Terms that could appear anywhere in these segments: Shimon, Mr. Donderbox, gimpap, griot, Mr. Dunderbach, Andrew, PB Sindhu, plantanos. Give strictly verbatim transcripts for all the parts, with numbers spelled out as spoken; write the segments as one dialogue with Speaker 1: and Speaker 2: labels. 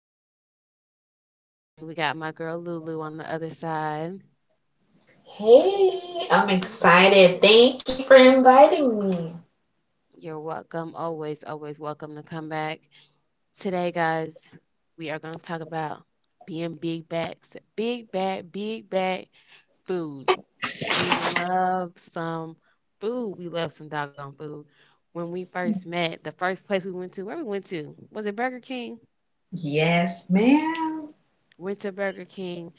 Speaker 1: host, Jessica. And again, we got my girl Lulu on the other side.
Speaker 2: Hey, I'm excited. Thank you for inviting me.
Speaker 1: You're welcome. Always, always welcome to come back. Today, guys, we are going to talk about being big backs. Big back, big back food. We love some food. We love some doggone food. When we first met, the first place we went to, where we went to, was it Burger King?
Speaker 2: Yes, ma'am.
Speaker 1: Went to Burger King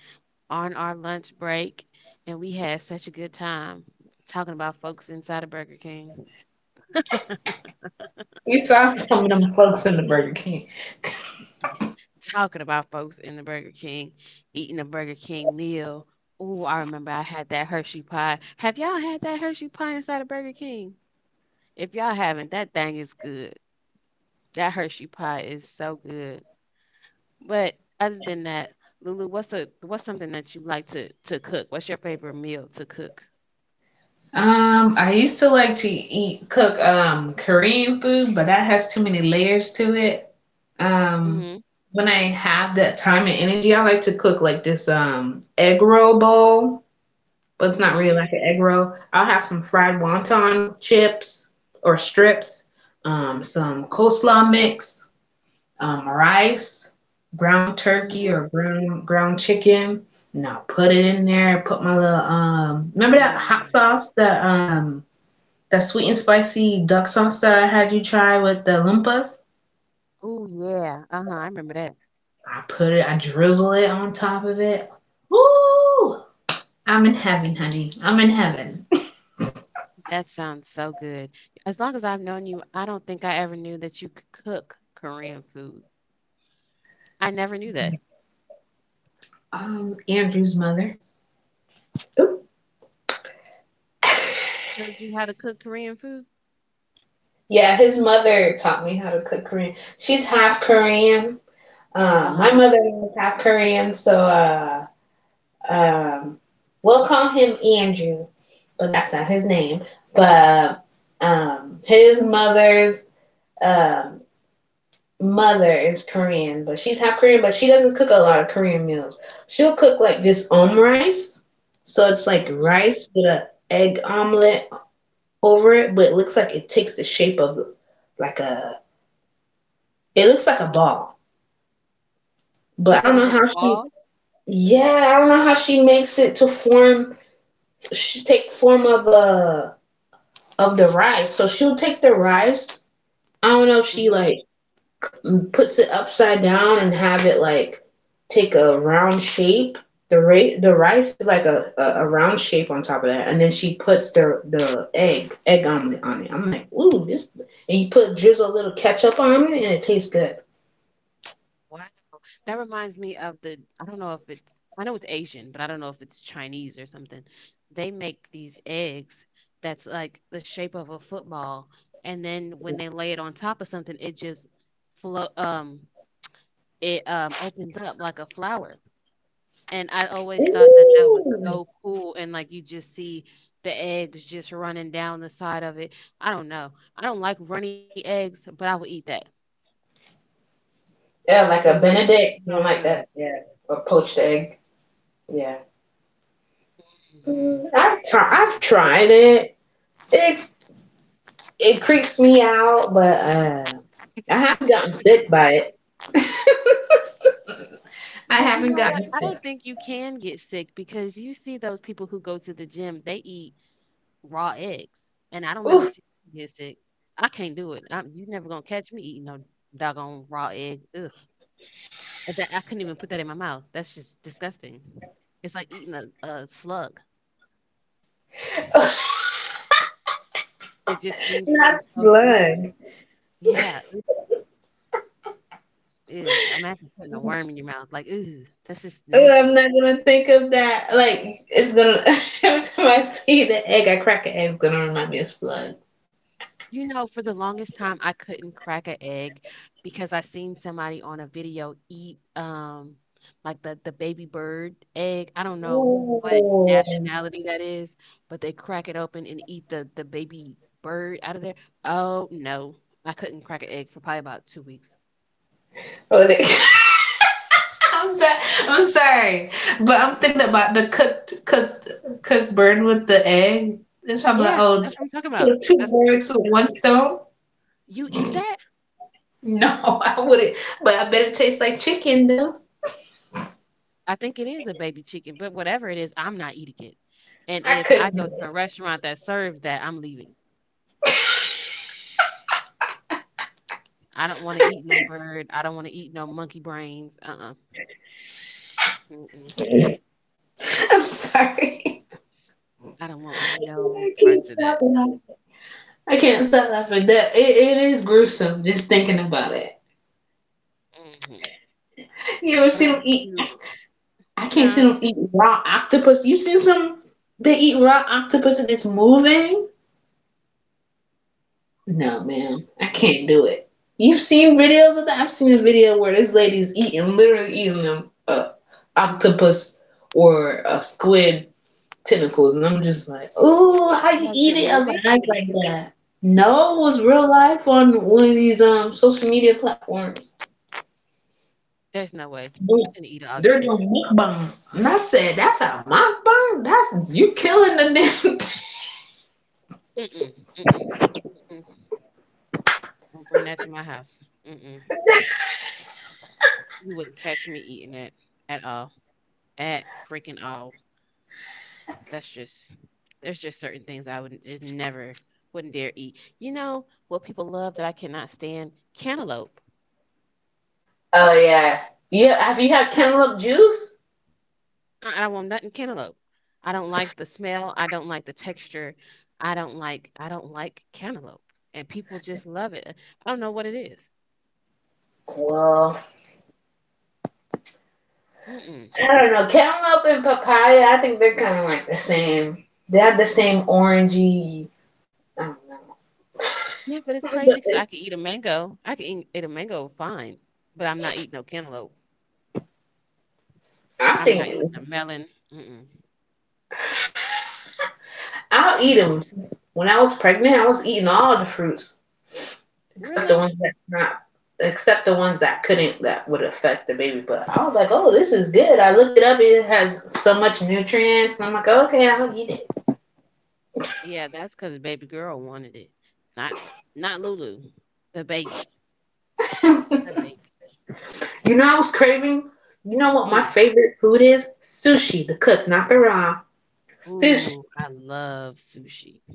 Speaker 1: on our lunch break, and we had such a good time talking about folks inside of Burger King,
Speaker 2: We saw some of them folks in the Burger King.
Speaker 1: talking about folks in the Burger King, eating a Burger King meal. Ooh, I remember I had that Hershey pie. Have y'all had that Hershey pie inside of Burger King? If y'all haven't, that thing is good. That Hershey pie is so good. But other than that, Lulu, what's a what's something that you like to to cook? What's your favorite meal to cook?
Speaker 2: Um, I used to like to eat cook um Korean food, but that has too many layers to it.
Speaker 1: Mhm.
Speaker 2: Um, when I have that time and energy, I like to cook like this um egg roll bowl, but it's not
Speaker 1: Mhm.
Speaker 2: really like an egg roll. I'll have some fried wonton chips or strips, um, some coleslaw mix, um, rice, ground turkey
Speaker 1: Mhm.
Speaker 2: or ground ground chicken, and I'll put it in there. Put my little um, remember that hot
Speaker 1: Mm.
Speaker 2: sauce, that um, that sweet and spicy duck sauce that I had you try with the lumpas.
Speaker 1: Oh yeah. Uh-huh. I remember that.
Speaker 2: I put it, I drizzle it on top of it. Woo! I'm in heaven, honey. I'm in heaven.
Speaker 1: That sounds so good. As long as I've known you, I don't think I ever knew that you could cook Korean food. I never knew that.
Speaker 2: um, Andrew's mother. Oop.
Speaker 1: Showed you how to cook Korean food?
Speaker 2: Yeah, his mother taught me how to cook Korean. She's half Korean. Uh, my
Speaker 1: Uh-huh.
Speaker 2: mother was half Korean, so uh, um, we'll call him Andrew, but that's not his name. But um, His mother's, um, mother is Korean, but she's half Korean, but she doesn't cook a lot of Korean meals. She'll cook like this om rice, so it's like
Speaker 1: Hmm.
Speaker 2: rice with an egg omelet over it, but it looks like it takes the shape of like a, it looks like a ball.
Speaker 1: You
Speaker 2: But I
Speaker 1: said it
Speaker 2: don't
Speaker 1: looks
Speaker 2: know
Speaker 1: like a
Speaker 2: how she
Speaker 1: ball?
Speaker 2: Yeah, I don't know how she makes it to form She take form of a of the rice. So she'll take the rice. I don't know if she
Speaker 1: Mm-hmm.
Speaker 2: like puts it upside down and have it like take a round shape. The ra- the rice is like a, a, a round shape on top of that, and then she puts the the egg egg omelet on it. I'm like, ooh, this. And you put drizzle a little ketchup on it, and it tastes good.
Speaker 1: Wow. That reminds me of the, I don't know if it's, I know it's Asian, but I don't know if it's Chinese or something. They make these eggs that's like the shape of a football, and then when they lay it on top of something, it just float um it, um, opens up like a flower, and I always thought that that was
Speaker 2: Ooh.
Speaker 1: so cool, and, like, you just see the eggs just running down the side of it. I don't know. I don't like runny eggs, but I will eat that.
Speaker 2: Yeah, like
Speaker 1: It
Speaker 2: a
Speaker 1: looks
Speaker 2: Benedict.
Speaker 1: so
Speaker 2: You don't like
Speaker 1: good.
Speaker 2: that? Yeah, a poached egg. Yeah. Mm,
Speaker 1: Mhm.
Speaker 2: I've, tri-
Speaker 1: It
Speaker 2: I've
Speaker 1: looks really
Speaker 2: tried it. It's It creeps me out, but uh, I haven't gotten sick by it.
Speaker 1: good.
Speaker 2: I
Speaker 1: Well, you
Speaker 2: haven't
Speaker 1: know what?
Speaker 2: gotten
Speaker 1: I
Speaker 2: sick.
Speaker 1: don't think you can get sick because you see those people who go to the gym, they eat raw eggs, and I don't never
Speaker 2: Oof.
Speaker 1: see them get sick. I can't do it. I'm You never gonna catch me eating no doggone raw egg, ugh. And that I couldn't even put that in my mouth. That's just disgusting. It's like eating a, a slug. It just seems to
Speaker 2: Not
Speaker 1: so slippery.
Speaker 2: slug.
Speaker 1: Yeah. Ew, imagine putting a worm in your mouth. Like, ooh, that's just
Speaker 2: Ugh, I'm
Speaker 1: nasty.
Speaker 2: not gonna think of that. Like it's gonna every time I see the egg, I crack an egg. It's gonna remind me of slug.
Speaker 1: You know, for the longest time, I couldn't crack an egg because I seen somebody on a video eat um like the the baby bird egg. I don't know what
Speaker 2: Ooh.
Speaker 1: nationality that is, but they crack it open and eat the the baby bird out of there. Oh no, I couldn't crack an egg for probably about two weeks.
Speaker 2: Oh, they- I'm, so- I'm sorry, but I'm thinking about the cooked cooked cooked bird with the egg. And so I'm like,
Speaker 1: Yeah,
Speaker 2: oh,
Speaker 1: that's what I'm talking about.
Speaker 2: kill two
Speaker 1: That's the
Speaker 2: birds with one stone.
Speaker 1: you eat that?
Speaker 2: No, I wouldn't. But I bet it tastes like chicken though.
Speaker 1: I think it is a baby chicken, but whatever it is, I'm not eating it. And
Speaker 2: I
Speaker 1: if I go
Speaker 2: couldn't.
Speaker 1: to a restaurant that serves that, I'm leaving. I don't want to eat no bird. I don't want to eat no monkey brains. Uh-uh. Mm-mm.
Speaker 2: I'm sorry.
Speaker 1: I don't want
Speaker 2: I
Speaker 1: no
Speaker 2: can't
Speaker 1: parts of
Speaker 2: stop
Speaker 1: that.
Speaker 2: laughing. I can't stop laughing. That it, it is gruesome just thinking about it.
Speaker 1: Hmm.
Speaker 2: You ever
Speaker 1: But
Speaker 2: see
Speaker 1: I
Speaker 2: them eat?
Speaker 1: do.
Speaker 2: I can't see
Speaker 1: Huh?
Speaker 2: them eat raw octopus. You seen some? They eat raw octopus and it's moving. No, ma'am, I can't do it. You've seen videos of that. I've seen a video where this lady's eating, literally eating them, uh, octopus or a squid tentacles, and I'm just like, oh, how you
Speaker 1: Was
Speaker 2: eat
Speaker 1: it
Speaker 2: it alive
Speaker 1: moving?
Speaker 2: like that? No, it was real life on one of these um social media platforms.
Speaker 1: There's no way. I
Speaker 2: Boom.
Speaker 1: couldn't eat an
Speaker 2: They're
Speaker 1: octopus.
Speaker 2: doing mukbang, and I said, that's a mukbang. That's you killing the damn thing.
Speaker 1: Mm-mm. Mm-mm. Mm-mm. Don't bring that to my house. Mm-mm. You wouldn't catch me eating it at all. At freaking all. That's just there's just certain things I would just never wouldn't dare eat. You know what people love that I cannot stand? Cantaloupe.
Speaker 2: Oh yeah, yeah. Have you had cantaloupe juice?
Speaker 1: I I don't want nothing cantaloupe. I don't like the smell. I don't like the texture. I don't like I don't like cantaloupe. And people just love it. I don't know what it is.
Speaker 2: Well,
Speaker 1: Mm-mm.
Speaker 2: I don't know. Cantaloupe and papaya, I think they're kind of like the same. They have the same orangey. I don't know.
Speaker 1: Yeah, but it's crazy because I could eat a mango. I could eat, eat a mango fine, but I'm not eating no cantaloupe.
Speaker 2: But I
Speaker 1: I'm not
Speaker 2: think.
Speaker 1: eating a melon. Mm-mm.
Speaker 2: I'll eat
Speaker 1: Nope.
Speaker 2: them. When I was pregnant, I was eating all the fruits except the
Speaker 1: Really?
Speaker 2: ones that not except the ones that couldn't that would affect the baby. But I was like, oh, this is good. I looked it up. It has so much nutrients, and I'm like, okay, I'll eat it.
Speaker 1: Yeah, that's because baby girl wanted it. Not Not Lulu. The baby. The baby.
Speaker 2: You know, I was craving. You know what my
Speaker 1: Hmm.
Speaker 2: favorite food is? Sushi. The cook, not the raw. Sushi.
Speaker 1: Ooh, I love sushi.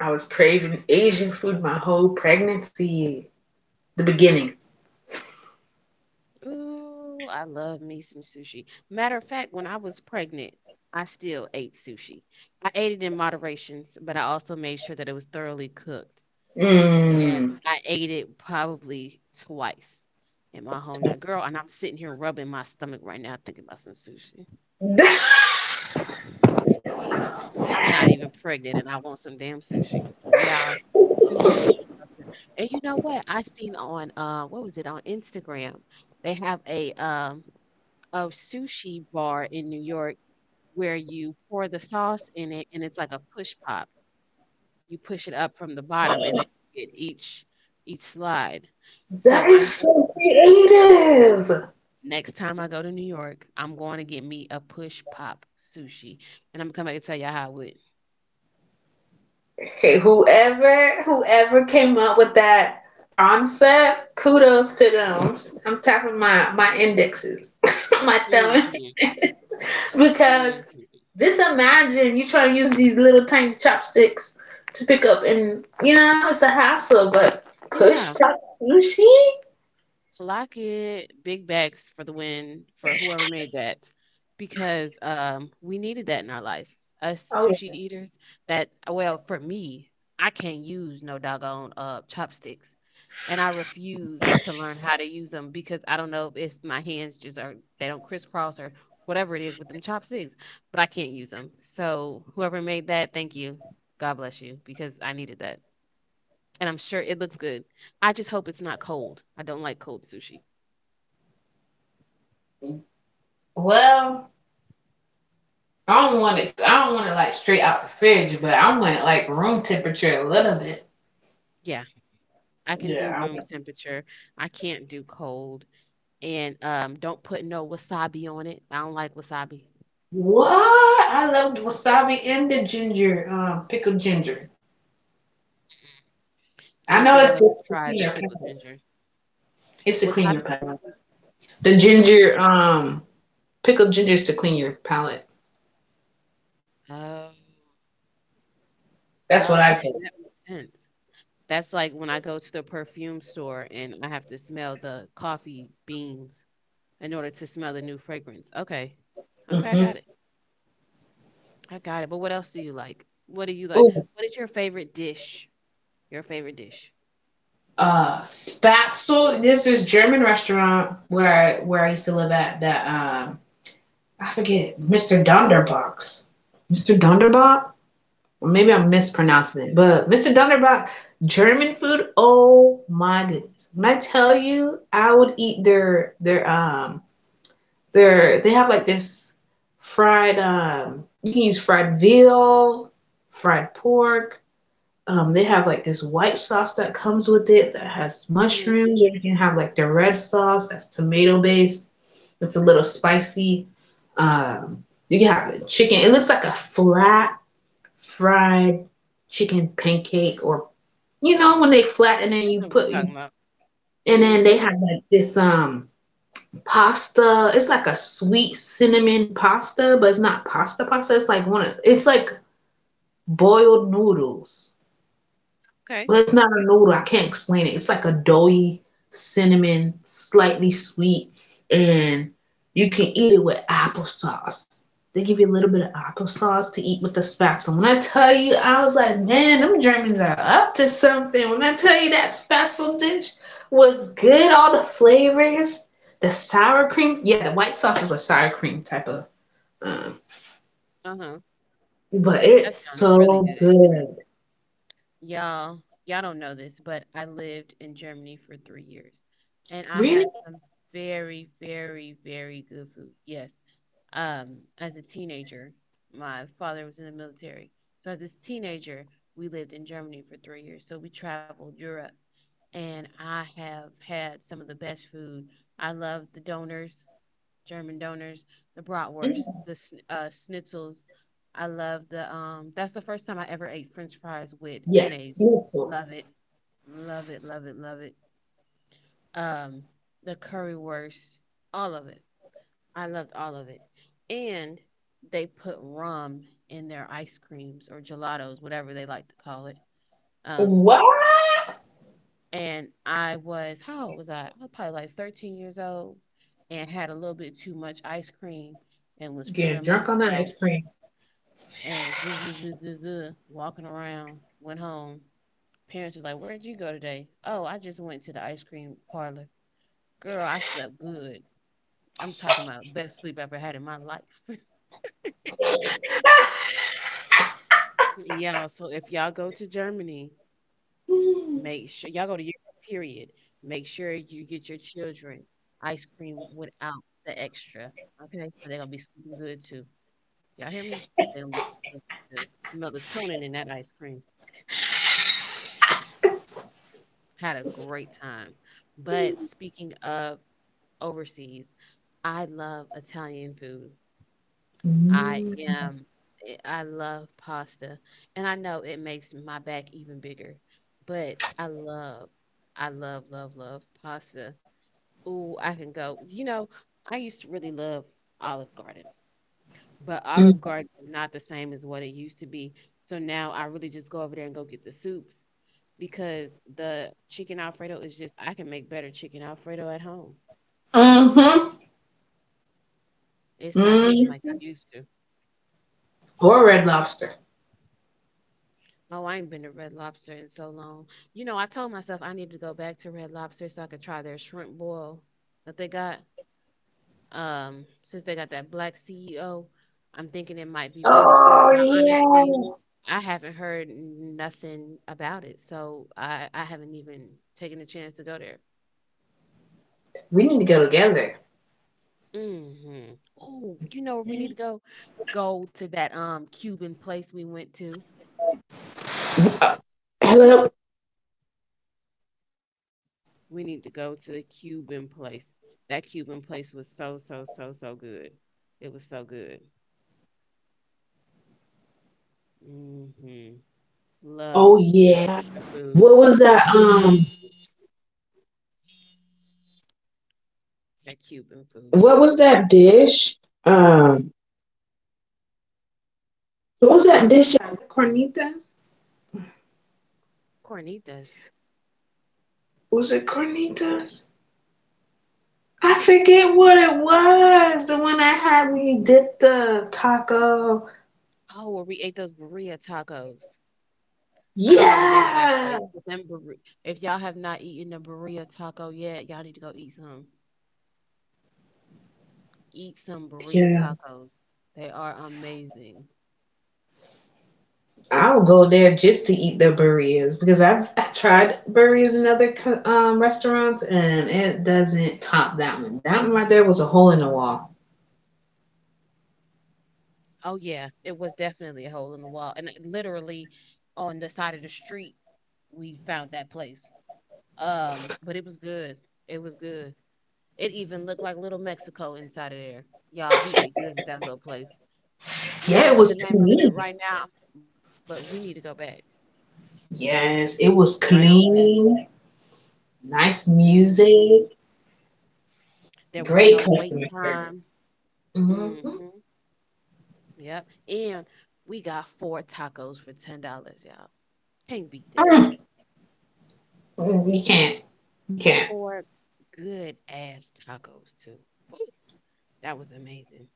Speaker 2: I was craving Asian food my whole pregnancy. The beginning.
Speaker 1: Ooh, I love me some sushi. Matter of fact, when I was pregnant, I still ate sushi. I ate it in moderations, but I also made sure that it was thoroughly cooked. And
Speaker 2: Mmm.
Speaker 1: I ate it probably twice in my home. Now, girl, and I'm sitting here rubbing my stomach right now thinking about some sushi.
Speaker 2: That
Speaker 1: I'm not even pregnant and I want some damn sushi. Y'all, sushi. So and you know what? I seen on uh what was it on Instagram? They have a um a sushi bar in New York where you pour the sauce in it and it's like a push pop. You push it up from the bottom and then you get each each slide. So I
Speaker 2: is
Speaker 1: know
Speaker 2: so creative.
Speaker 1: next time I go to New York, I'm going to get me a push pop sushi and I'm gonna come back and tell y'all how it
Speaker 2: Okay, whoever whoever came up with that concept, kudos to them. I'm tapping my my indexes, my
Speaker 1: went.
Speaker 2: thumb,
Speaker 1: Hmm.
Speaker 2: because
Speaker 1: Hmm.
Speaker 2: just imagine you try to use these little tiny chopsticks to pick up, and you know it's a hassle. But push
Speaker 1: Yeah.
Speaker 2: pop sushi?
Speaker 1: Clock it. Big bags for the win for whoever made that because um, we needed that in our life. Us
Speaker 2: Oh
Speaker 1: sushi
Speaker 2: yeah.
Speaker 1: eaters, that, well, for me, I can't use no doggone uh, chopsticks. And I refuse to learn how to use them because I don't know if my hands just are, they don't crisscross or whatever it is with them chopsticks, but I can't use them. So whoever made that, thank you. God bless you because I needed that. And I'm sure it looks good. I just hope it's not cold. I don't like cold sushi.
Speaker 2: Well, I don't want it. I don't want it like straight out the fridge, but I want it like room temperature a little bit.
Speaker 1: Yeah, I can do
Speaker 2: Yeah. I.
Speaker 1: room temperature. I can't do cold. And um, don't put no wasabi on it. I don't like wasabi.
Speaker 2: What? I love wasabi and the ginger, uh, pickled ginger.
Speaker 1: I
Speaker 2: I
Speaker 1: don't
Speaker 2: know
Speaker 1: think I've
Speaker 2: it's
Speaker 1: ever
Speaker 2: just to
Speaker 1: tried
Speaker 2: clean
Speaker 1: the
Speaker 2: your
Speaker 1: pickled
Speaker 2: palate.
Speaker 1: ginger.
Speaker 2: It's to clean your
Speaker 1: Wasabi
Speaker 2: palate. The
Speaker 1: is too hot.
Speaker 2: ginger, um, pickled ginger is to clean your palate.
Speaker 1: Oh,
Speaker 2: That's what
Speaker 1: oh,
Speaker 2: I've
Speaker 1: okay, that makes sense. That's like when I go to the perfume store and I have to smell the coffee beans in order to smell the new fragrance. Okay,
Speaker 2: heard.
Speaker 1: okay, I
Speaker 2: Hmm.
Speaker 1: got it. I got it. But what else do you like? What do you like?
Speaker 2: Ooh,
Speaker 1: What is your favorite dish? Your favorite dish?
Speaker 2: uh, Spatzel. There's this German restaurant where I, where I used to live at that um I forget Mister Donderbox. Mister Donderbox. Maybe I'm mispronouncing it, but Mister Dunderbach, German food. Oh my goodness! When I tell you, I would eat their their um their they have like this fried um you can use fried veal, fried pork. Um, they have like this white sauce that comes with it that has
Speaker 1: Mm-hmm.
Speaker 2: mushrooms, or you can have like the red sauce that's tomato based. It's a little spicy. Um, you can have chicken. It looks like a flat fried chicken pancake or you know when they flatten
Speaker 1: I
Speaker 2: and you
Speaker 1: know what you're
Speaker 2: put you
Speaker 1: talking about.
Speaker 2: and then they
Speaker 1: Mhm.
Speaker 2: have like this um pasta. It's like a sweet cinnamon pasta, but it's not pasta pasta. It's like one of, it's like boiled noodles.
Speaker 1: Okay.
Speaker 2: But it's not a noodle. I can't explain it. It's like a doughy cinnamon, slightly sweet, and you can eat it with applesauce. They give you a little bit of applesauce to eat with the spatula. When I tell you, I was like, man, them Germans are up to something. When I tell you that spatzel dish was good, all the flavors, the sour cream. Yeah, the white sauce is a sour cream type of, um,
Speaker 1: Uh-huh.
Speaker 2: but
Speaker 1: That
Speaker 2: it's
Speaker 1: sounds really
Speaker 2: so
Speaker 1: good.
Speaker 2: good.
Speaker 1: Y'all, y'all don't know this, but I lived in Germany for three years, and I
Speaker 2: Really?
Speaker 1: had some very, very, very good food. Yes. Um, as a teenager, my father was in the military, so as this teenager, we lived in Germany for three years. So we traveled Europe, and I have had some of the best food. I love the donors. German doners, the bratwurst,
Speaker 2: Mm.
Speaker 1: the sn- uh, schnitzels. I love the um. That's the first time I ever ate French fries with
Speaker 2: Yes.
Speaker 1: mayonnaise. Love it, love it, love it, love it. Um, the currywurst, all of it. I loved all of it, and they put rum in their ice creams or gelatos, whatever they like to call it. Um,
Speaker 2: What?
Speaker 1: and I was how old was I? I was probably like thirteen years old and had a little bit too much ice cream and was
Speaker 2: Getting
Speaker 1: feeling
Speaker 2: drunk on the
Speaker 1: myself
Speaker 2: ice cream.
Speaker 1: and zzz, zzz, zzz, zzz, zzz, walking around. Went home. Parents was like, "Where'd you go today?" Oh, I just went to the ice cream parlor. Girl, I slept good. I'm talking about best sleep I ever had in my life. Yeah. So if y'all go to Germany, make
Speaker 2: Mm-hmm.
Speaker 1: sure y'all go to Europe, period. Make sure you get your children ice cream without the extra. Okay? So they're gonna be sleeping good too. Y'all hear me? They're gonna be sleeping good too. Melatonin in that ice cream. Had a great time. But speaking of overseas, I love Italian food. I am eh, I love pasta. And I know it makes my back even bigger. But I love I love, love, love, pasta. Ooh, I can go. You know, I used to really love Olive Garden, but Olive
Speaker 2: Mm-hmm.
Speaker 1: Garden is not the same as what it used to be. So now I really just go over there and go get the soups because the chicken Alfredo is just, I can make better chicken Alfredo at home. It's not hitting
Speaker 2: Mm.
Speaker 1: like it used to.
Speaker 2: Or Red Lobster.
Speaker 1: Oh, I ain't been to Red Lobster in so long. You know, I told myself I need to go back to Red Lobster so I could try their shrimp boil that they got. Um, since they got that black C E O, I'm thinking it might be really good.
Speaker 2: Oh
Speaker 1: But I honestly,
Speaker 2: yeah.
Speaker 1: I haven't heard nothing about it, so I I haven't even taken a chance to go there.
Speaker 2: We need to go together.
Speaker 1: Mm-hmm. Oh, you know where we need to go? Go to that um Cuban place we went to. We need to go to the Cuban place. That Cuban place was so so so so good. It was so good. Mm-hmm. Love some Cuban food. That Cuban food. Cornitas.
Speaker 2: Was it carnitas? I forget what it was. The one I had when you dipped the taco.
Speaker 1: Oh, where we ate those burrito tacos. I don't know the name of that place,
Speaker 2: Yeah,
Speaker 1: but them burri- if y'all have not eaten a burrito taco yet, y'all need to go eat some. Eat some burrito
Speaker 2: yeah.
Speaker 1: tacos. They are amazing.
Speaker 2: I'll go there just to eat their burritos because I've, I've tried burritos in other um, restaurants and it doesn't top that one. That one right there was a hole in the wall.
Speaker 1: Oh yeah, it was definitely a hole in the wall, and it literally on the side of the street we found that place. Um, but it was good. It was good. It even looked like Little Mexico inside of there. Y'all, we ate good at that little place. We
Speaker 2: Yeah, it
Speaker 1: don't know
Speaker 2: was
Speaker 1: the name of it
Speaker 2: clean.
Speaker 1: right now, but we need to go back,
Speaker 2: Yes, it
Speaker 1: right
Speaker 2: was
Speaker 1: on back.
Speaker 2: clean. Nice
Speaker 1: hmm
Speaker 2: music.
Speaker 1: There was
Speaker 2: Great
Speaker 1: no wait
Speaker 2: customer
Speaker 1: time.
Speaker 2: service. Hmm.
Speaker 1: Hmm. Yep. And we got four tacos for ten dollars, y'all. Can't beat that.
Speaker 2: Mm, mm, you can't. You can't.
Speaker 1: Four good ass tacos too. Ooh, that was amazing.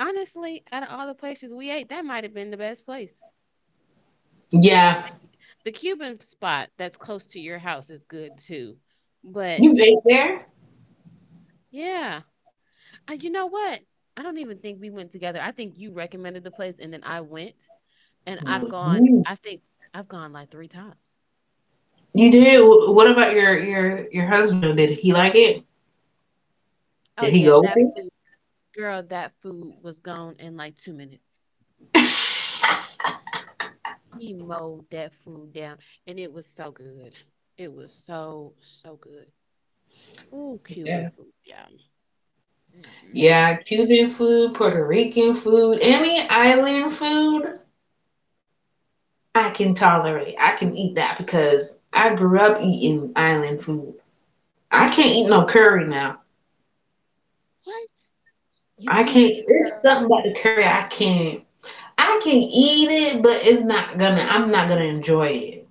Speaker 1: Honestly, out of all the places we ate, that might have been the best place.
Speaker 2: Yeah.
Speaker 1: The Cuban spot that's close to your house is good too. But
Speaker 2: You've ate there?
Speaker 1: yeah. Uh, you know what? I don't even think we went together. I think you recommended the place and then I went and
Speaker 2: No,
Speaker 1: I've gone
Speaker 2: you
Speaker 1: I think I've gone like three times.
Speaker 2: you did. Wh- What about your your your husband? Did he like it?
Speaker 1: Oh
Speaker 2: Did he
Speaker 1: yeah,
Speaker 2: go with
Speaker 1: that
Speaker 2: it?
Speaker 1: food girl, that food was gone in like two minutes. He mowed that food down and it was so good. It was so, so good. Ooh,
Speaker 2: Yeah,
Speaker 1: Cuban food, yeah. Mm-mm-mm.
Speaker 2: yeah. Cuban food, Puerto Rican food, any island food, I can tolerate. I can eat that because I grew up eating island food. I can't eat no curry now.
Speaker 1: What? You
Speaker 2: I
Speaker 1: can't
Speaker 2: can't.
Speaker 1: eat
Speaker 2: It's something
Speaker 1: curry?
Speaker 2: about the curry I can't. I can eat it, but it's not gonna. I'm not gonna enjoy it.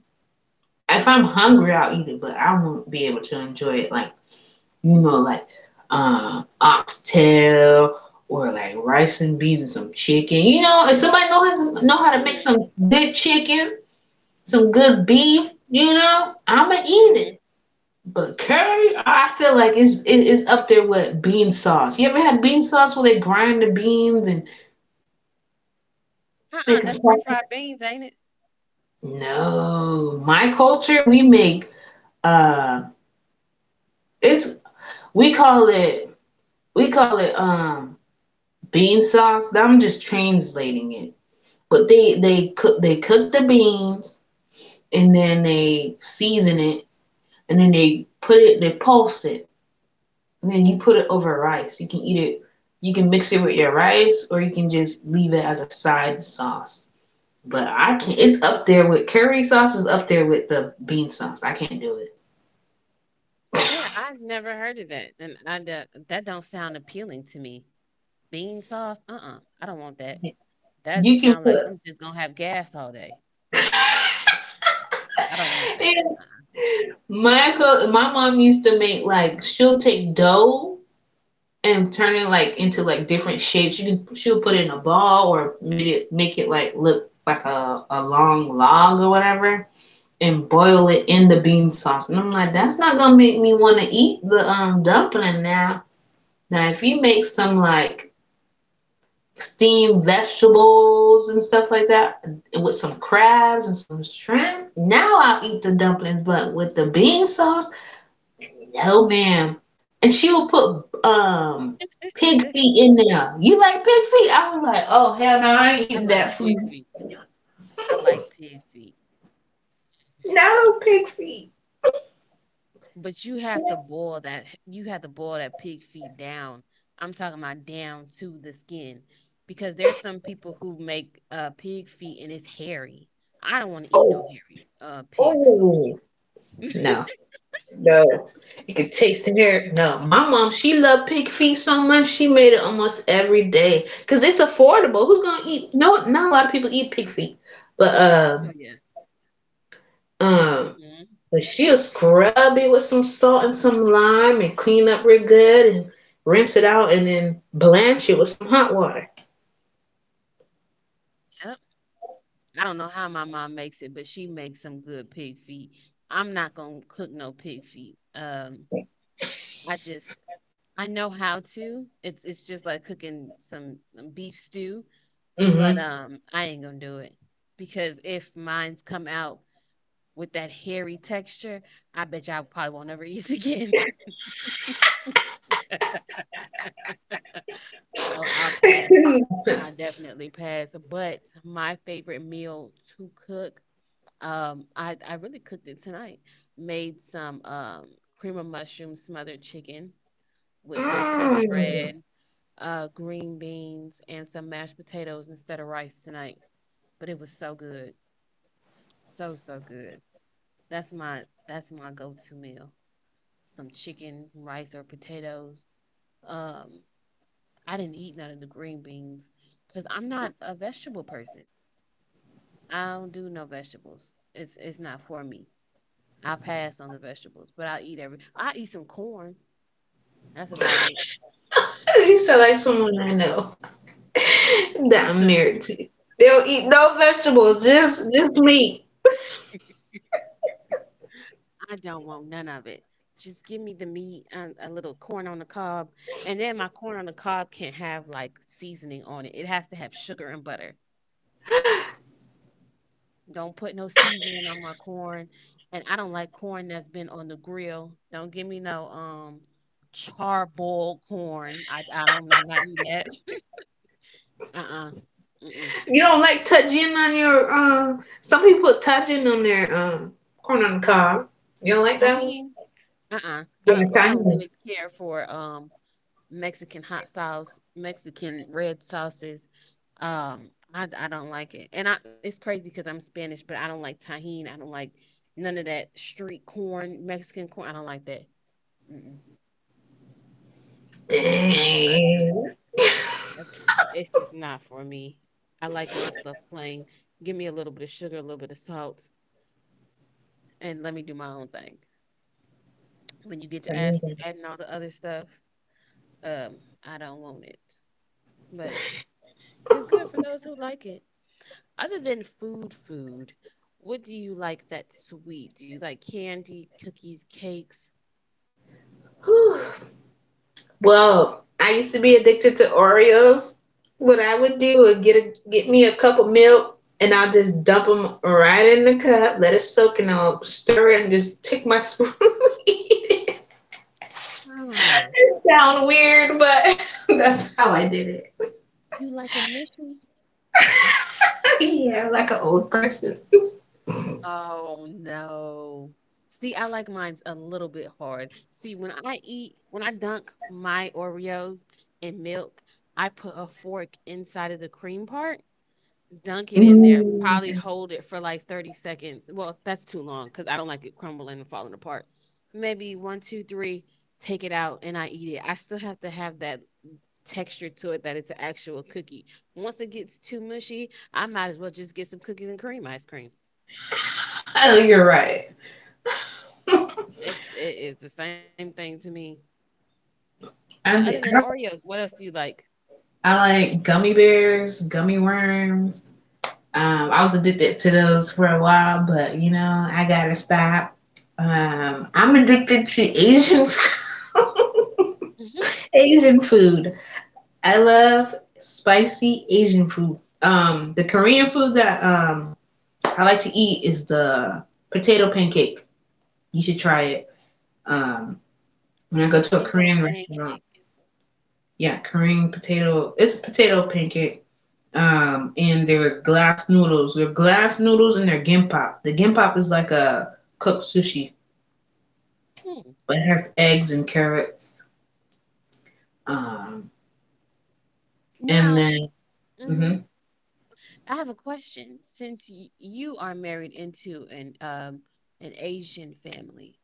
Speaker 2: If I'm hungry, I'll eat it, but I won't be able to enjoy it like, you know, like um, oxtail or like rice and beans and some chicken. You know, if somebody knows how to, know how to make some good chicken, some good beef, you know, I'ma eat
Speaker 1: Mm-mm-mm.
Speaker 2: it. But curry, I feel like it's it- it's up there with bean sauce. You ever had bean sauce where they grind the beans and
Speaker 1: Uh-uh,
Speaker 2: make a
Speaker 1: that's
Speaker 2: sauce?
Speaker 1: refried beans, ain't it?
Speaker 2: No, my culture we make uh, it's we call it we call it um bean sauce. I'm just translating it But they they cook they cook the beans and then they season it and then they put it they pulse it and then you put it over rice. You can eat it. You can mix it with your rice or you can just leave it as a side sauce. But I can't. It's up there with curry sauce. Is up there with the bean sauce. I can't do it.
Speaker 1: Yeah, I've never heard of that, and I, that that don't sound appealing to me. Bean sauce? Uh-uh. I don't want that. That
Speaker 2: You can
Speaker 1: sounds like
Speaker 2: put.
Speaker 1: I'm just gonna have gas all day. I don't want that.
Speaker 2: And
Speaker 1: Uh-uh.
Speaker 2: My co- my mom used to make like she'll take dough and turn it like into like different shapes. You can she'll put it in a ball or made it make it like look like a, a long log or whatever and boil it in the bean sauce. And I'm like, that's not gonna make me wanna eat the um dumpling now. Now if you make some
Speaker 1: Mm.
Speaker 2: like steamed vegetables and stuff like that with some crabs and some shrimp, now I'll eat the dumplings, but with the bean sauce, no, ma'am. And she would put um pig feet in there. You like pig feet? I was like, oh hell no, I ain't
Speaker 1: I
Speaker 2: eating
Speaker 1: like
Speaker 2: that
Speaker 1: pig
Speaker 2: food.
Speaker 1: feet. I like pig feet.
Speaker 2: No pig feet.
Speaker 1: But you have to boil that you have to boil that pig feet down. I'm talking about down to the skin because there's some people who make uh pig feet and it's hairy. I don't want to eat no
Speaker 2: Oh,
Speaker 1: hairy uh pig feet.
Speaker 2: oh no, no. You could taste the hair. No, my mom, she loved pig feet so much. She made it almost every day because it's affordable. Who's gonna eat? No, not a lot of people eat pig feet, but
Speaker 1: Oh
Speaker 2: um,
Speaker 1: yeah. Mm.
Speaker 2: um.
Speaker 1: Hmm.
Speaker 2: But she'll scrub it with some salt and some lime and clean up real good and rinse it out and then blanch it with some hot water.
Speaker 1: Yep. I don't know how my mom makes it, but she makes some good pig feet. I'm not gonna cook no pig feet. Um, I just I know how to. It's it's just like cooking some um, beef stew. But
Speaker 2: Mm-hmm.
Speaker 1: um, I ain't gonna do it because if mine's come out with that hairy texture, I bet you I probably won't ever eat again. So I'll pass. I definitely pass. But my favorite meal to cook. Um, I I really cooked it tonight. Made some um cream of mushroom smothered chicken with some
Speaker 2: mm.
Speaker 1: cornbread, uh, green beans, and some mashed potatoes instead of rice tonight. But it was so good, so so good. That's my that's my go-to meal. Some chicken, rice, or potatoes. Um, I didn't eat none of the green beans because I'm not a vegetable person. I don't do no vegetables. It's it's not for me. I pass on the vegetables, but I eat every. I eat some corn. That's about it.
Speaker 2: You sound like someone I know that I'm
Speaker 1: Mhm.
Speaker 2: married to. They'll eat no vegetables, just just meat.
Speaker 1: I don't want none of it. Just give me the meat, and a little corn on the cob, and then my corn on the cob can't have like seasoning on it. It has to have sugar and butter. Don't put no seasoning on my corn. And I don't like corn that's been on the grill. Don't give me no um charboiled corn. I I don't I'm not eating that. Uh-uh. Mm-mm.
Speaker 2: You don't like touching on your um. uh some people put touching on their um corn on the cob. You don't like that one?
Speaker 1: Tahini. Uh-uh. I
Speaker 2: Yeah,
Speaker 1: don't I don't
Speaker 2: tahini.
Speaker 1: really care for um Mexican hot sauce, Mexican red sauces. Um I I don't like it. And I it's crazy cuz I'm Spanish, but I don't like tahini. I don't like none of that street corn, Mexican corn. I don't like that. Mm-mm. I I just
Speaker 2: Dang.
Speaker 1: That's- It's just not for me. I like my stuff plain. Give me a little bit of sugar, a little bit of salt, and let me do my own thing. When you get to ask,
Speaker 2: Tahini.
Speaker 1: adding all the other stuff, um, I don't want it. But it's good for those who like it. Other than food, food, what do you like that's sweet? Do you like candy, cookies, cakes?
Speaker 2: Well, I used to be addicted to Oreos. What I would do is get a, get me a cup of milk, and I'll just dump them right in the cup, let it soak, and I'll stir it and just take my spoon.
Speaker 1: Ah,
Speaker 2: Sound weird, but that's how I did it.
Speaker 1: you like a mushy?
Speaker 2: Yeah, like an old person.
Speaker 1: Oh no. See, I like mine's a little bit hard. See, when I eat, when I dunk my Oreos in milk, I put a fork inside of the cream part, dunk it in there,
Speaker 2: Mm.
Speaker 1: probably hold it for like thirty seconds. Well, that's too long because I don't like it crumbling and falling apart. Maybe one, two, three, take it out and I eat it. I still have to have that texture to it that it's an actual cookie. Once it gets too mushy, I might as well just get some cookies and cream ice cream.
Speaker 2: Oh, you're right.
Speaker 1: It's it, it's the same thing to me. But
Speaker 2: I,
Speaker 1: other than
Speaker 2: did,
Speaker 1: Oreos, what else do you like?
Speaker 2: I like gummy bears, gummy worms. Um, I was addicted to those for a while, but you know, I gotta stop. Um, I'm addicted to Asian
Speaker 1: hmm
Speaker 2: Asian food. I love spicy Asian food. Um, the Korean food that um I like to eat is the potato pancake. You should try it. Um, when I go to a
Speaker 1: Potato
Speaker 2: Korean restaurant,
Speaker 1: pancake.
Speaker 2: yeah, Korean potato. It's a potato pancake. Um, and they're glass noodles. They're glass noodles and they're gimpap. The gimpap is like a cooked sushi.
Speaker 1: Hmm.
Speaker 2: It has eggs and carrots, um, and
Speaker 1: Now,
Speaker 2: then hmm
Speaker 1: hmm I have a question. Since y- you are married into an um an Asian family,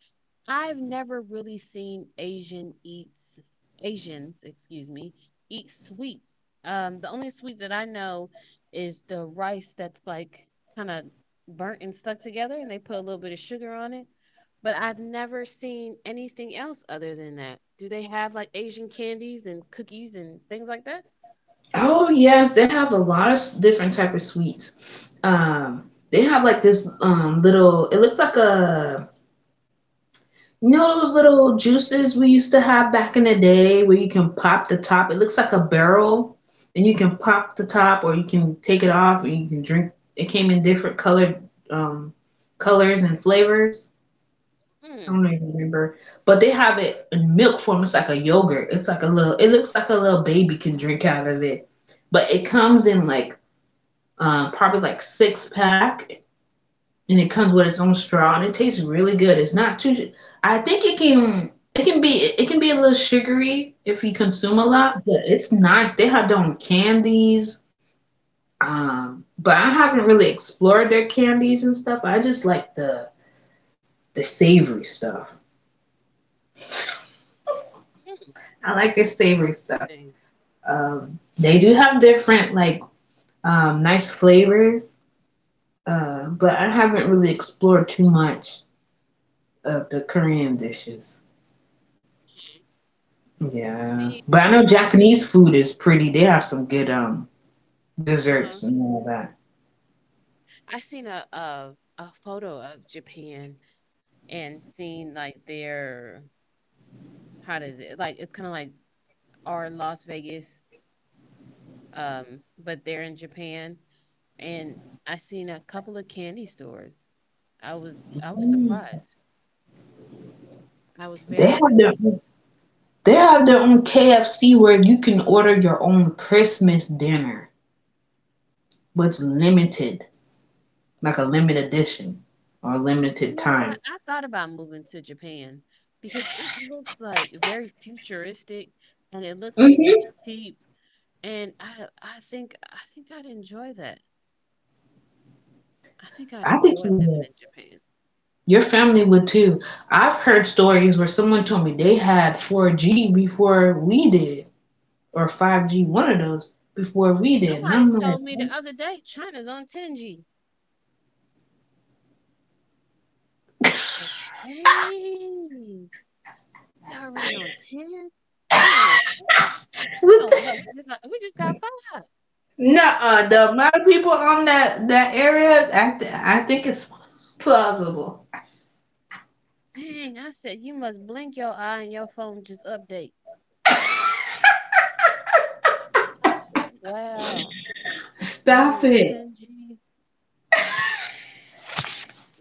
Speaker 1: I've never really seen Asian eats Asians, excuse me, eat sweets. Um, the only sweet that I know is the rice that's like kind of burnt and stuck together, and they put a little bit of sugar on it. But I've never seen anything else other than that. Do they have like Asian candies and cookies and things like that?
Speaker 2: oh yes, they have a lot of different type of sweets. Um, they have like this um little. It looks like a you know those little juices we used to have back in the day where you can pop the top. It looks like a barrel, and you can pop the top or you can take it off and you can drink. It came in different colored um colors and flavors. I don't
Speaker 1: Mm,
Speaker 2: even remember. But they have it in milk form. It's like a yogurt. It's like a little. It looks like a little baby can drink out of it. But it comes in like uh, probably like six pack, and it comes with its own straw, and it tastes really good. It's not too. su- I think it can. It can be. It can be a little sugary if you consume a
Speaker 1: mhm,
Speaker 2: lot, but it's nice. They have their own candies. Um, but I haven't really explored their candies and stuff. I just like the the savory stuff.
Speaker 1: hmm.
Speaker 2: I like their savory
Speaker 1: That's
Speaker 2: stuff.
Speaker 1: interesting.
Speaker 2: Um, they do have different like um, nice flavors, uh, but I haven't really explored too much of the Korean dishes. Yeah,
Speaker 1: See,
Speaker 2: but I know Japanese food is pretty. They have some good um
Speaker 1: uh-huh.
Speaker 2: desserts and all that.
Speaker 1: I seen a, a a photo of Japan and seen like their how does it like it's kind of like our Las Vegas um, but they're in Japan, and I seen a couple of candy stores. I was I was
Speaker 2: Mm.
Speaker 1: surprised. I was
Speaker 2: They
Speaker 1: very.
Speaker 2: have their they have their own K F C where you can order your own Christmas dinner, but it's limited, like a limited edition or
Speaker 1: You
Speaker 2: limited
Speaker 1: know what?
Speaker 2: time.
Speaker 1: I thought about moving to Japan because it looks like very futuristic, and it looks like
Speaker 2: Hmm.
Speaker 1: it's cheap. And I I think I think I'd enjoy that. I think I'd
Speaker 2: I think
Speaker 1: enjoy
Speaker 2: you would.
Speaker 1: living in Japan.
Speaker 2: Your family would too. I've heard stories where someone told me they had four G before we did, or five G, one of those, before we did. And I'm
Speaker 1: Somebody
Speaker 2: like,
Speaker 1: told me the other day China's on ten G. G. Like Dang, they already on ten, and we on four? We
Speaker 2: what
Speaker 1: don't know. We
Speaker 2: the?
Speaker 1: just not, we just got five.
Speaker 2: Nuh-uh, the amount of people on that, that area, I, th- I think it's plausible.
Speaker 1: Dang, I said you must blink your eye and your phone just update. I said, wow, y'all
Speaker 2: Stop
Speaker 1: on
Speaker 2: it.
Speaker 1: ten G.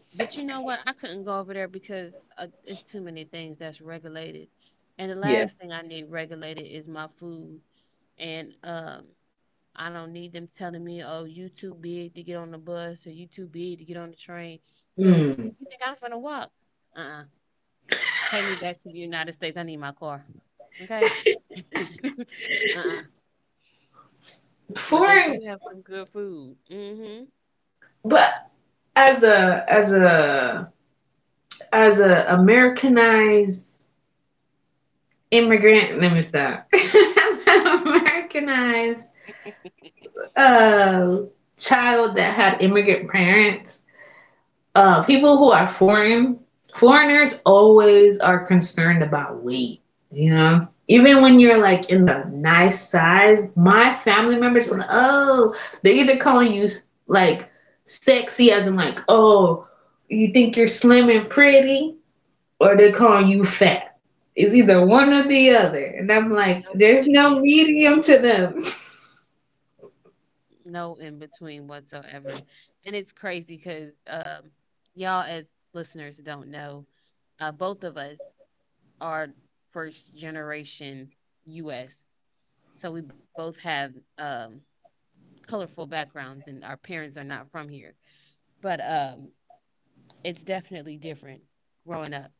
Speaker 1: But you know what? I couldn't go over there because uh, it's too many things that's regulated. And the
Speaker 2: Yeah.
Speaker 1: last thing I need regulated is my food. And um, I don't need them telling me, oh, you too big to get on the bus or you too big to get on the train. Because
Speaker 2: Mm.
Speaker 1: you think I'm going to walk? Uh-uh. Take me back to the United States. I need my car. Okay? Uh-uh. But they do
Speaker 2: Foreign,
Speaker 1: have some good food. Mm-hmm.
Speaker 2: but as a, as a, as a Americanized immigrant, let me stop. As an Americanized uh, child that had immigrant parents, uh, people who are foreign, foreigners always are concerned about weight, you know? Even when you're like in the nice size, my family members were like, oh, they're either calling you like sexy, as in like, oh, you think you're slim and pretty, or they're calling you fat. It's either one or the other. And I'm like,
Speaker 1: No in
Speaker 2: there's no
Speaker 1: between.
Speaker 2: medium to them.
Speaker 1: No in between whatsoever. And it's crazy because um, y'all as listeners don't know, uh, both of us are first generation U S. So we both have um, colorful backgrounds, and our parents are not from here. But um, it's definitely different growing up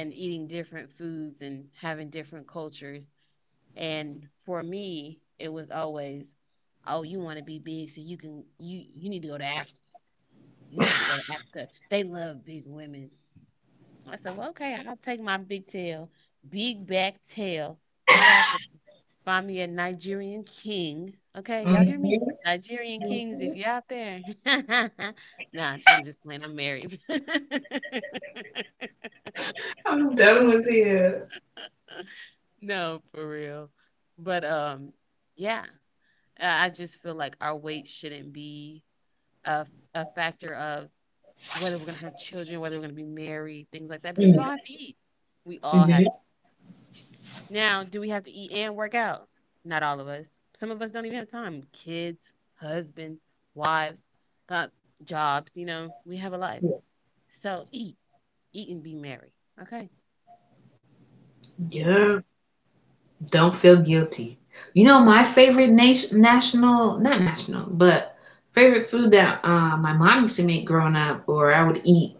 Speaker 1: and eating different foods and having different cultures. And for me, it was always, oh, you want to be big, so you can you you need to go to Africa. You need to go to Africa. They love big women. I said, well, okay, I'll take my big tail, big back tail to Africa. Find me a Nigerian king. Okay, y'all hear
Speaker 2: Mhm.
Speaker 1: me? Nigerian kings, if you're out there. Nah, I'm just playing. I'm married.
Speaker 2: I'm done with it.
Speaker 1: No, for real. But um, yeah, I I just feel like our weight shouldn't be a, a factor of whether we're going to have children, whether we're going to be married, things like that, because we all have to eat. We all
Speaker 2: Mm-hmm.
Speaker 1: have to eat. Now, do we have to eat and work out? Not all of us. Some of us don't even have time. Kids, husbands, wives, got jobs, you know, we have a life. So eat, eat and be merry. Okay? Eat big.
Speaker 2: Yeah, don't feel guilty. You know my favorite nation, national, not national, but favorite food that uh, my mom used to make growing up, or I would eat.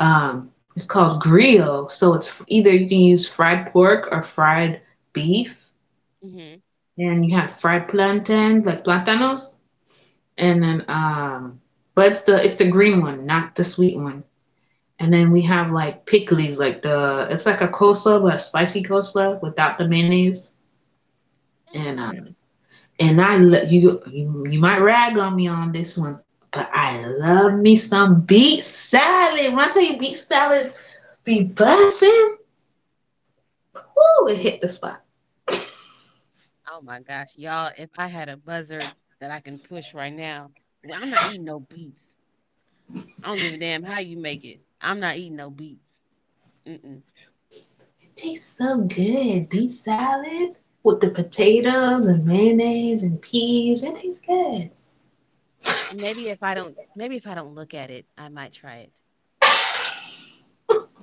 Speaker 2: Um, it's called griot. So it's either you can use fried pork or fried beef,
Speaker 1: Mm-hmm.
Speaker 2: and you have fried plantains like plantanos, and then um, but it's the it's the green one, not the sweet one. And then we have like pickles, like the it's like a coleslaw, but a spicy coleslaw without the mayonnaise.
Speaker 1: Mm.
Speaker 2: And um, and I lo- you you you might rag on me on this one, but I love me some beet salad. When I tell you beet salad be bussin', ooh, it hit the spot.
Speaker 1: Oh my gosh, y'all, if I had a buzzer that I can push right now, well, I'm not eating no beets. I don't give a damn how you make it. I'm not eating no beets. Mm-mm.
Speaker 2: It tastes so good. Beet salad with the potatoes and mayonnaise and peas. It tastes good.
Speaker 1: Maybe if I don't maybe if I don't look at it, I might try it.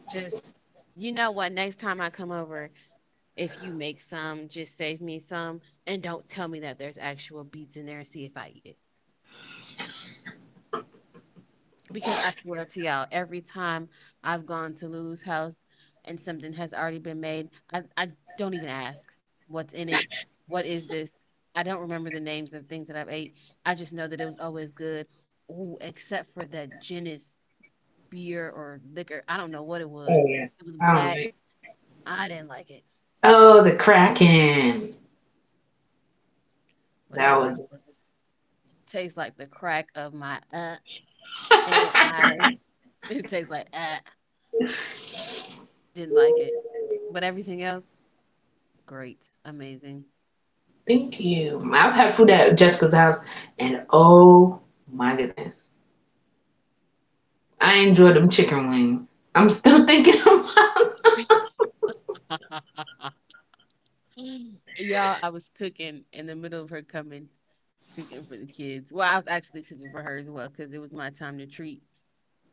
Speaker 1: Just you know what, next time I come over, if you make some, just save me some and don't tell me that there's actual beets in there and see if I eat it. Because I swear to y'all, every time I've gone to Lulu's house and something has already been made, I, I don't even ask what's in it, what is this? I don't remember the names of things that I've ate. I just know that it was always good. Ooh, except for that gin beer or liquor. I don't know what it
Speaker 2: Oh
Speaker 1: was.
Speaker 2: yeah,
Speaker 1: It was
Speaker 2: I don't
Speaker 1: black.
Speaker 2: like.
Speaker 1: I didn't like it.
Speaker 2: Oh, the Kraken. That
Speaker 1: Whatever it
Speaker 2: was.
Speaker 1: was. Tastes like the crack of my uh and I it tastes like uh didn't like it. But everything else, great. Amazing.
Speaker 2: Thank you. I've had food at Jessica's house, and oh my goodness, I enjoyed them chicken wings. I'm still thinking about
Speaker 1: Y'all, I was cooking in the middle of her coming, cooking for the kids. Well, I was actually cooking for her as well because it was my time to treat.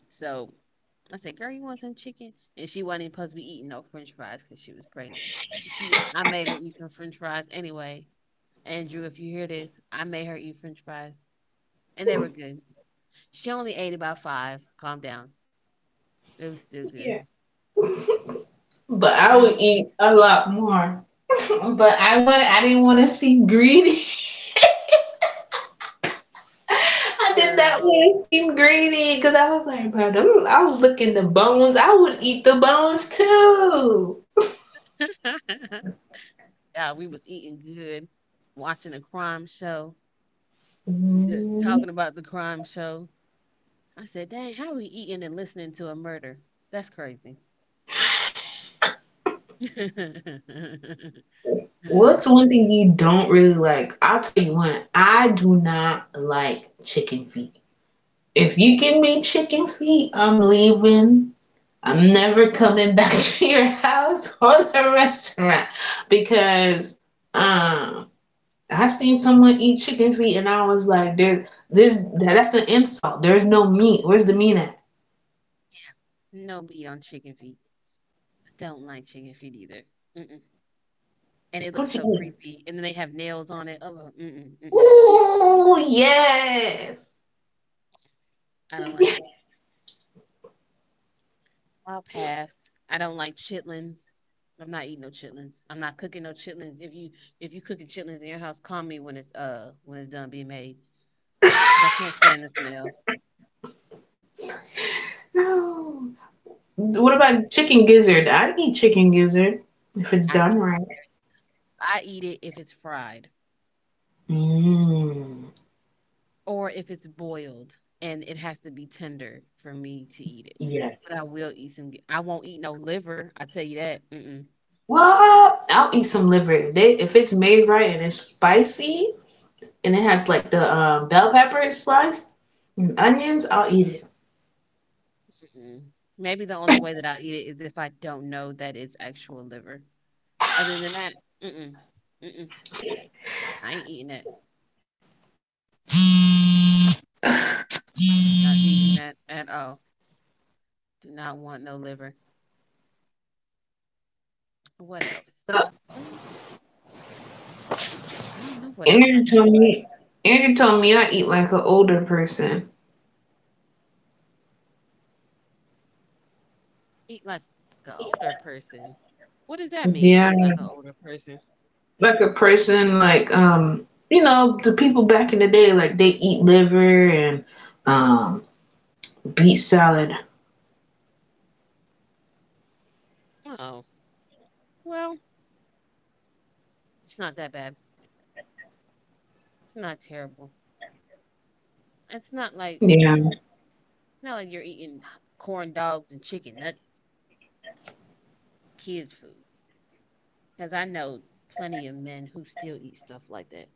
Speaker 1: So I said, "Girl, you want some chicken?" And she wasn't even supposed to be eating no French fries because she was pregnant. She, I made her eat some French fries anyway. Andrew, if you hear this, I made her eat French fries, and they were good. She only ate about five. Calm down, it was still
Speaker 2: it,
Speaker 1: good.
Speaker 2: but I would eat a lot more. But I would. I didn't want to seem greedy. I did not
Speaker 1: Girl,
Speaker 2: want to seem greedy because I was like, bro, them- I was looking the bones. I would eat the bones too.
Speaker 1: yeah, we was eating good, watching a crime show, d-
Speaker 2: Mm.
Speaker 1: talking about the crime show. I said, "Dang, how are we eating and listening to a murder? That's crazy."
Speaker 2: What's one thing you don't really like? I'll tell you one. I do not like chicken feet. If you give me chicken feet, I'm leaving. I'm never coming back to your house or the restaurant because um I've seen someone eat chicken feet and I was like, there, there's that's an insult. There's no meat. Where's the meat at?
Speaker 1: No meat on chicken feet. I don't like chicken feet either. Mm-mm. And it looks
Speaker 2: What you
Speaker 1: so
Speaker 2: eating?
Speaker 1: creepy. And then they have nails on it. Oh, mm-mm, mm-mm.
Speaker 2: Ooh, yes.
Speaker 1: I don't like it. I'll pass. I don't like chitlins. I'm not eating no chitlins. I'm not cooking no chitlins. If you if you cooking chitlins in your house, call me when it's uh when it's done being made. 'Cause I can't stand the smell.
Speaker 2: No. What
Speaker 1: Mm-mm.
Speaker 2: about chicken gizzard? I eat chicken gizzard if it's
Speaker 1: I
Speaker 2: done
Speaker 1: eat,
Speaker 2: right.
Speaker 1: I eat it if it's fried
Speaker 2: Mmm.
Speaker 1: or if it's boiled, and it has to be tender for me to eat it.
Speaker 2: Yeah.
Speaker 1: But I will eat some. I won't eat no liver. I tell you that. Mm-mm.
Speaker 2: What? I'll eat some liver if they if it's made right and it's spicy and it has like the um, bell peppers sliced and onions. I'll eat it.
Speaker 1: Mm-mm. Maybe the only way that I'll eat it is if I don't know that it's actual liver. Other than that, mm-mm, mm-mm, I ain't eating that. Nope, not eating that at all. Do not want no liver. What else? Mm, I don't know what else I
Speaker 2: Andrew
Speaker 1: don't
Speaker 2: told me Andrew told me I eat like an older person.
Speaker 1: eat like an older person. What does that mean? Eat like
Speaker 2: Yeah.
Speaker 1: an older person?
Speaker 2: Like a person like um you know, the people back in the day, like they eat liver and um beet salad.
Speaker 1: Oh, well, it's not that bad. It's not terrible. It's not like,
Speaker 2: Yeah.
Speaker 1: mm, not like you're eating h- corn dogs and chicken nuggets, kids' food. Because I know plenty of men who still eat stuff like that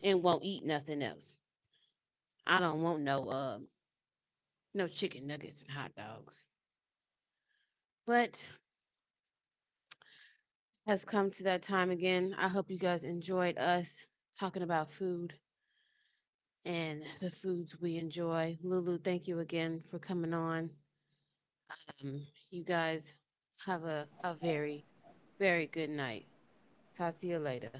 Speaker 1: and won't eat nothing else. I don't want no uh, no chicken nuggets and hot dogs. But has come to that time again. I hope you guys enjoyed us talking about food and the foods we enjoy. Lulu, thank you again for coming on. Um, you guys have a, a very, very good night. Talk to you later.